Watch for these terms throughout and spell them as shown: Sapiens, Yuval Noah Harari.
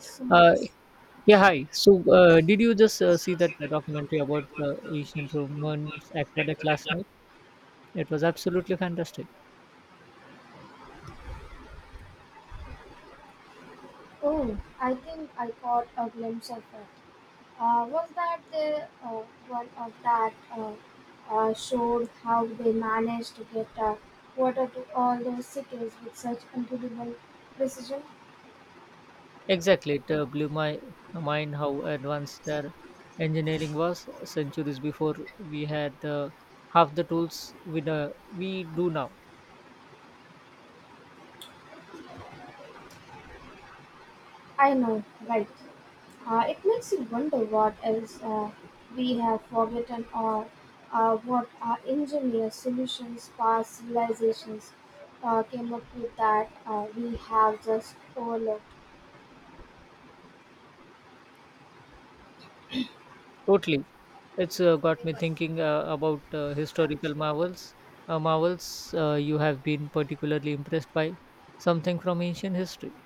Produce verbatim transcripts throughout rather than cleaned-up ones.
So, Uh, yeah, hi. So, uh, did you just uh, see that uh, documentary about the ancient Romans aqueduct last night? It was absolutely fantastic. oh, I think I caught a glimpse of it. Uh, was that the uh, one of that uh, uh, showed how they managed to get uh, water to all those cities with such incredible precision? Exactly, it uh, blew my mind how advanced their engineering was centuries before we had uh, half the tools we, uh, we do now. I know, right? Uh, it makes you wonder what else uh, we have forgotten or uh, what our engineer solutions, past civilizations uh, came up with that uh, we have just overlooked. Totally, it's uh, got me thinking uh, about uh, historical marvels. Uh, marvels uh, you have been particularly impressed by something from ancient history.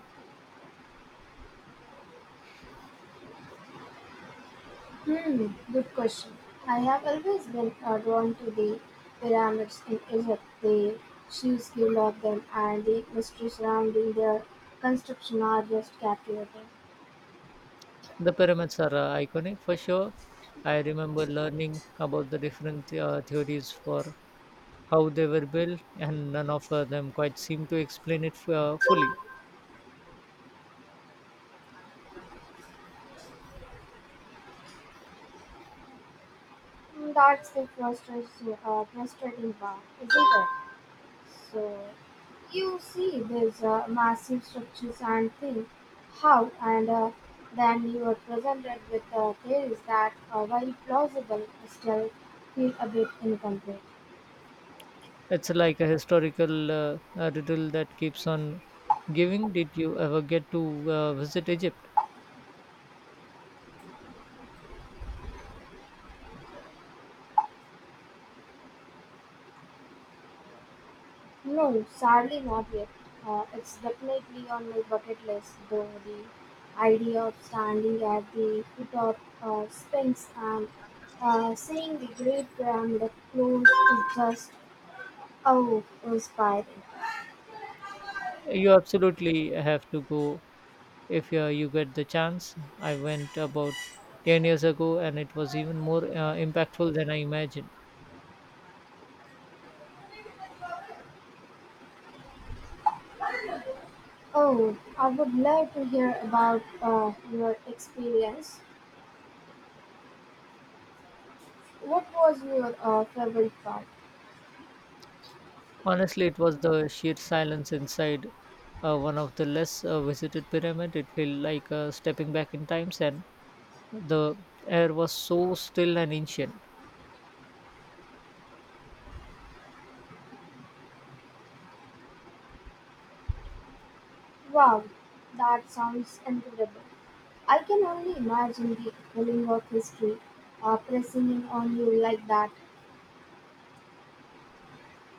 Hmm, good question. I have always been uh, drawn to the pyramids in Egypt. The sheer scale of them and the mystery surrounding their construction are just captivating. The pyramids are uh, iconic for sure. I remember learning about the different uh, theories for how they were built, and none of uh, them quite seem to explain it f- uh, fully. Mm, that's the frustrating, uh, frustrating part, isn't it? So, you see these uh, massive structures and think how, and uh, then you are presented with uh, theories that, uh, while plausible, still feel a bit incomplete. It's like a historical uh, uh, riddle that keeps on giving. Did you ever get to uh, visit Egypt? No, sadly not yet. Uh, it's definitely on my bucket list, though the idea of standing at the foot of uh, Sphinx and uh, seeing the Great Pyramid up close is just oh inspiring. You absolutely have to go if uh, you get the chance. I went about ten years ago, and it was even more uh, impactful than I imagined. Oh, I would love to hear about uh, your experience. What was your uh, favorite part? Honestly, it was the sheer silence inside uh, one of the less uh, visited pyramid. It felt like uh, stepping back in times, and the air was so still and ancient. Wow, that sounds incredible. I can only imagine the pulling of history uh, pressing in on you like that.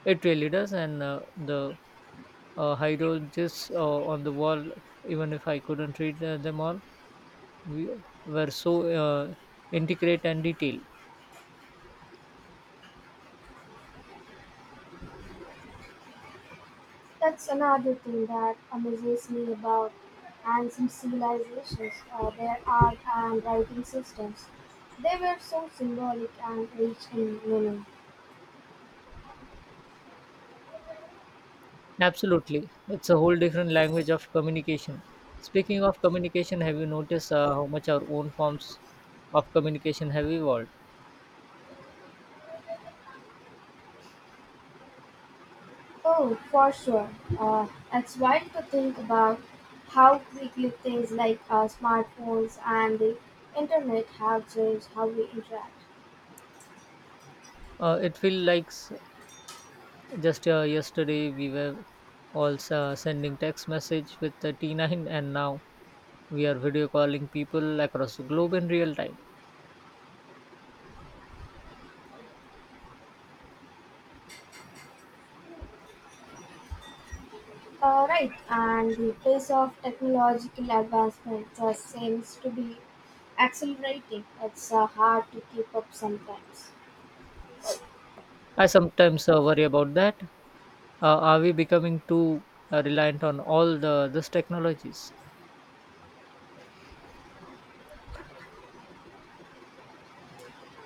It really does, and uh, the uh, hieroglyphs uh, on the wall, even if I couldn't read uh, them all, we were so uh, intricate and detailed. That's another thing that amazes me about ancient civilizations, uh, their art and writing systems. They were so symbolic and rich in meaning. Absolutely, it's a whole different language of communication. Speaking of communication, have you noticed uh, how much our own forms of communication have evolved? Oh, for sure. Uh, it's wild to think about how quickly things like uh, smartphones and the internet have changed how we interact. Uh, it feels like s- just uh, yesterday we were all uh, sending text message with the T nine, and now we are video calling people across the globe in real time. Uh, right, and the pace of technological advancements uh, seems to be accelerating. It's uh, hard to keep up sometimes. I sometimes uh, worry about that. Uh, are we becoming too uh, reliant on all the these technologies?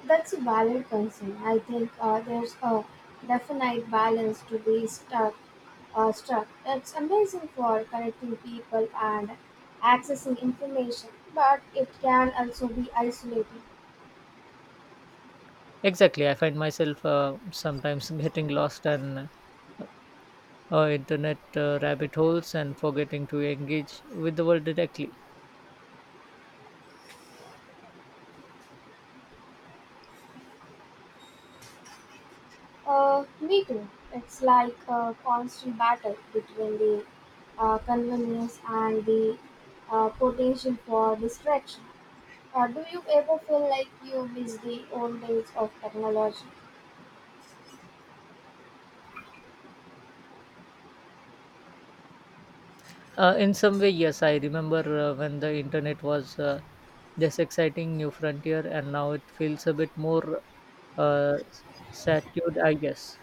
That's a valid concern. I think uh, there's a definite balance to be stuck. Uh, struck. It's amazing for connecting people and accessing information, but it can also be isolating. Exactly. I find myself uh, sometimes getting lost in uh, internet uh, rabbit holes and forgetting to engage with the world directly. Uh, me too. It's like a constant battle between the uh, convenience and the uh, potential for distraction. Uh, do you ever feel like you miss the old days of technology? Uh, in some way, yes, I remember uh, when the internet was uh, this exciting new frontier, and now it feels a bit more uh, saturated, I guess.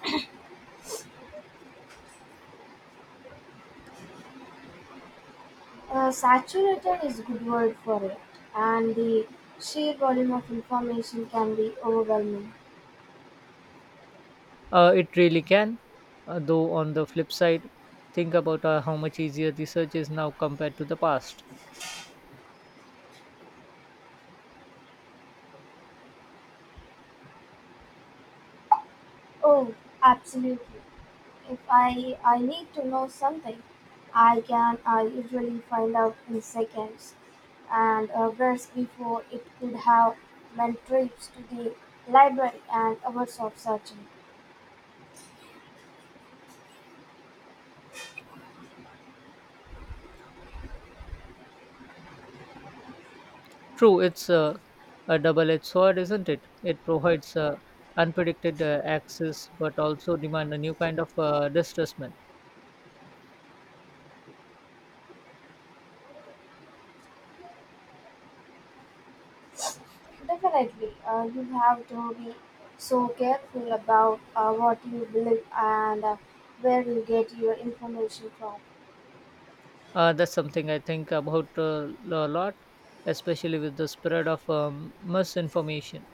Uh, saturated is good word for it, and the sheer volume of information can be overwhelming. Uh, it really can, uh, though, on the flip side, think about uh, how much easier research is now compared to the past. Oh, absolutely. If I, I need to know something, I can uh, usually find out in seconds, and uh, whereas before it could have meant trips to the library and hours of searching. True, it's uh, a double edged sword, isn't it? It provides uh, unpredicted uh, access but also demand a new kind of uh, distrustment. Definitely, uh, you have to be so careful about uh, what you believe and uh, where you get your information from. Uh, that's something I think about uh, a lot, especially with the spread of um, misinformation.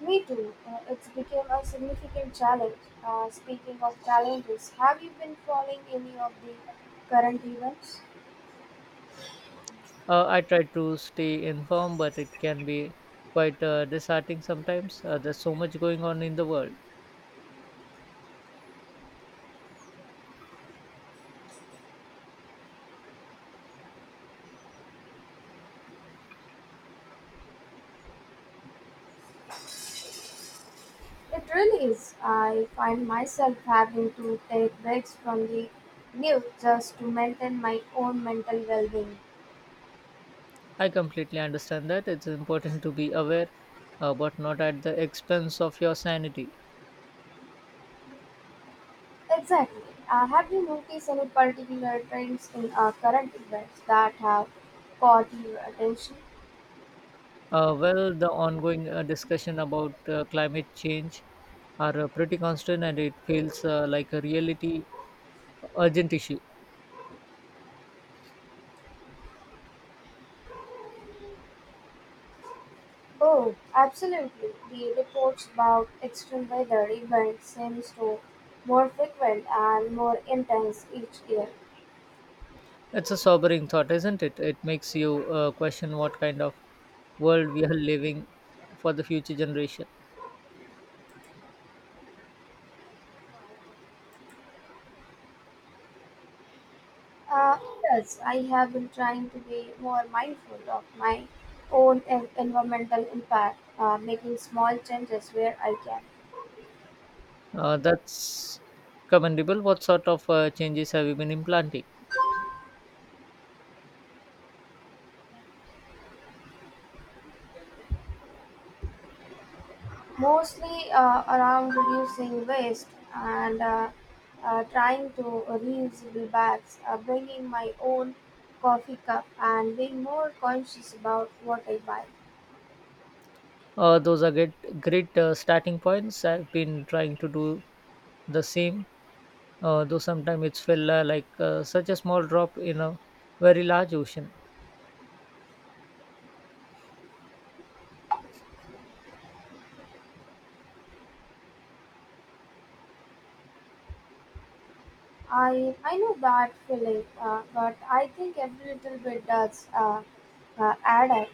Me too. Uh, it's become a significant challenge. Uh, speaking of challenges, have you been following any of the current events? Uh, I try to stay informed, but it can be quite uh, disheartening sometimes. Uh, there's so much going on in the world. It really is. I find myself having to take breaks from the news just to maintain my own mental well being. I completely understand that. It's important to be aware, uh, but not at the expense of your sanity. Exactly. Uh, have you noticed any particular trends in our current events that have caught your attention? Uh, well, the ongoing uh, discussion about uh, climate change are uh, pretty constant, and it feels uh, like a reality urgent issue. Oh, absolutely. The reports about extreme weather events seems to more frequent and more intense each year. It's a sobering thought, isn't it? It makes you uh, question what kind of world we are living for the future generation. Uh, yes, I have been trying to be more mindful of my own en- environmental impact, uh, making small changes where I can, Uh, that's commendable. What sort of uh, changes have you been implanting? mostly uh, around reducing waste and uh, uh, trying to reusable bags, uh, bringing my own coffee cup, and being more conscious about what I buy. Uh, those are great, great uh, starting points. I've been trying to do the same, uh, though sometimes it's felt uh, like uh, such a small drop in a very large ocean. I I know that feeling, uh, but I think every little bit does uh, uh, add up.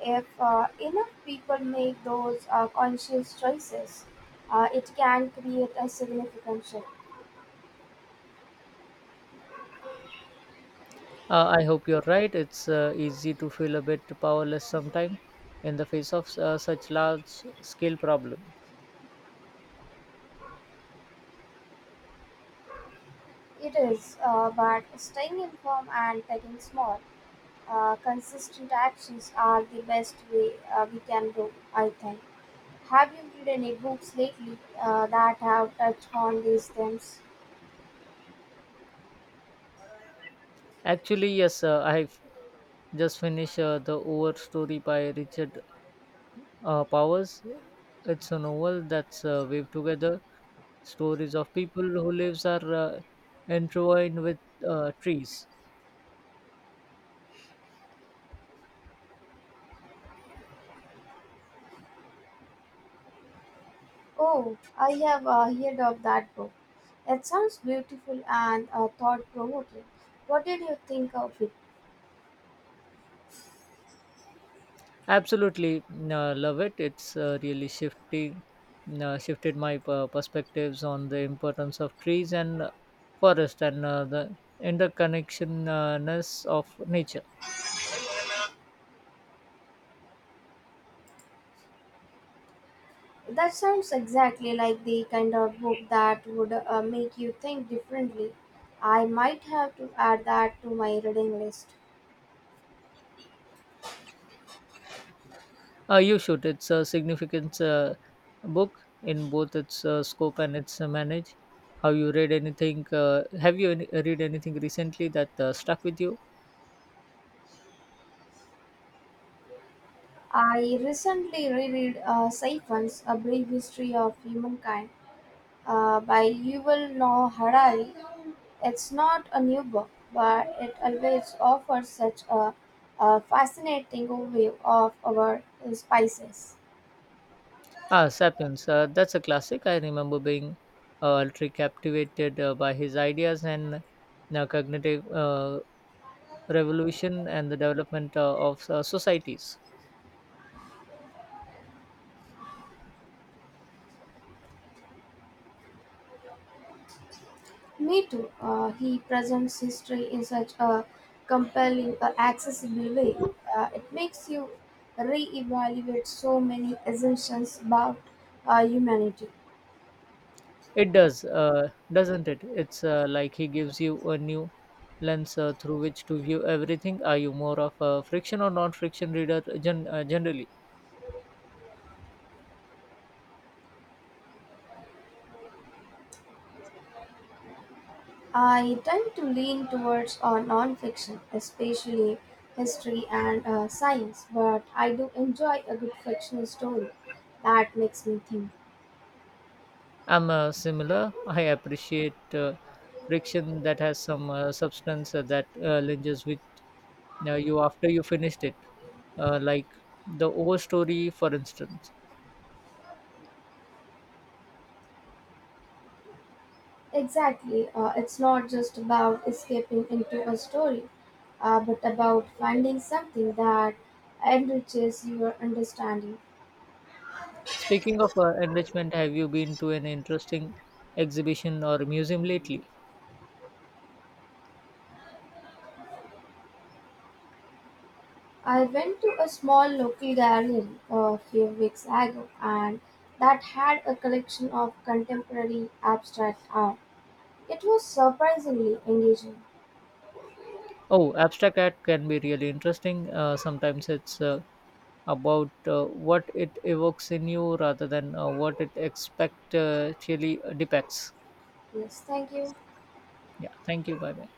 If uh, enough people make those uh, conscious choices, uh, it can create a significant shift. Uh, I hope you're right. It's uh, easy to feel a bit powerless sometimes in the face of uh, such large scale problem. It is, uh, but staying informed and taking small, uh, consistent actions are the best way uh, we can go, I think. Have you read any books lately uh, that have touched on these themes? Actually, yes, uh, I've just finished uh, The Over Story by Richard uh, Powers. It's a novel that's uh, weaved together stories of people who lives are uh, intertwined with uh, trees. Oh, I have uh, heard of that book. It sounds beautiful and uh, thought provoking. What did you think of it? Absolutely uh, love it. It's uh, really shifting, uh, shifted my uh, perspectives on the importance of trees and uh, forest and uh, the interconnectionness of nature. That sounds exactly like the kind of book that would uh, make you think differently. I might have to add that to my reading list. Uh, you should. It's a significant uh, book in both its uh, scope and its uh, manage. Have you read anything? Uh, have you any, read anything recently that uh, stuck with you? I recently reread uh, Siphons, A Brief History of Humankind uh, by Yuval Noah Harari. It's not a new book, but it always offers such a, a fascinating overview of our species. Ah, *Sapiens*. Uh, that's a classic. I remember being uh, ultra captivated uh, by his ideas and uh, cognitive uh, revolution and the development uh, of uh, societies. Me too. Uh, he presents history in such a compelling or accessible way. Uh, it makes you re-evaluate so many assumptions about uh, humanity. It does, uh, doesn't it? It's uh, like he gives you a new lens uh, through which to view everything. Are you more of a friction or non-friction reader uh, gen- uh, generally? I tend to lean towards uh, non-fiction, especially history and uh, science, but I do enjoy a good fictional story that makes me think. I'm uh, similar. I appreciate uh, friction that has some uh, substance uh, that uh, linges with uh, you after you finished it, uh, like the overstory, for instance. Exactly. Uh, it's not just about escaping into a story, uh, but about finding something that enriches your understanding. Speaking of uh, enrichment, have you been to an interesting exhibition or museum lately? I went to a small local gallery uh, a few weeks ago and that had a collection of contemporary abstract art. It was surprisingly engaging. Oh, abstract art can be really interesting. Uh, sometimes it's uh, about uh, what it evokes in you rather than uh, what it expect uh, actually depicts. Yes, thank you. Yeah, thank you. Bye bye.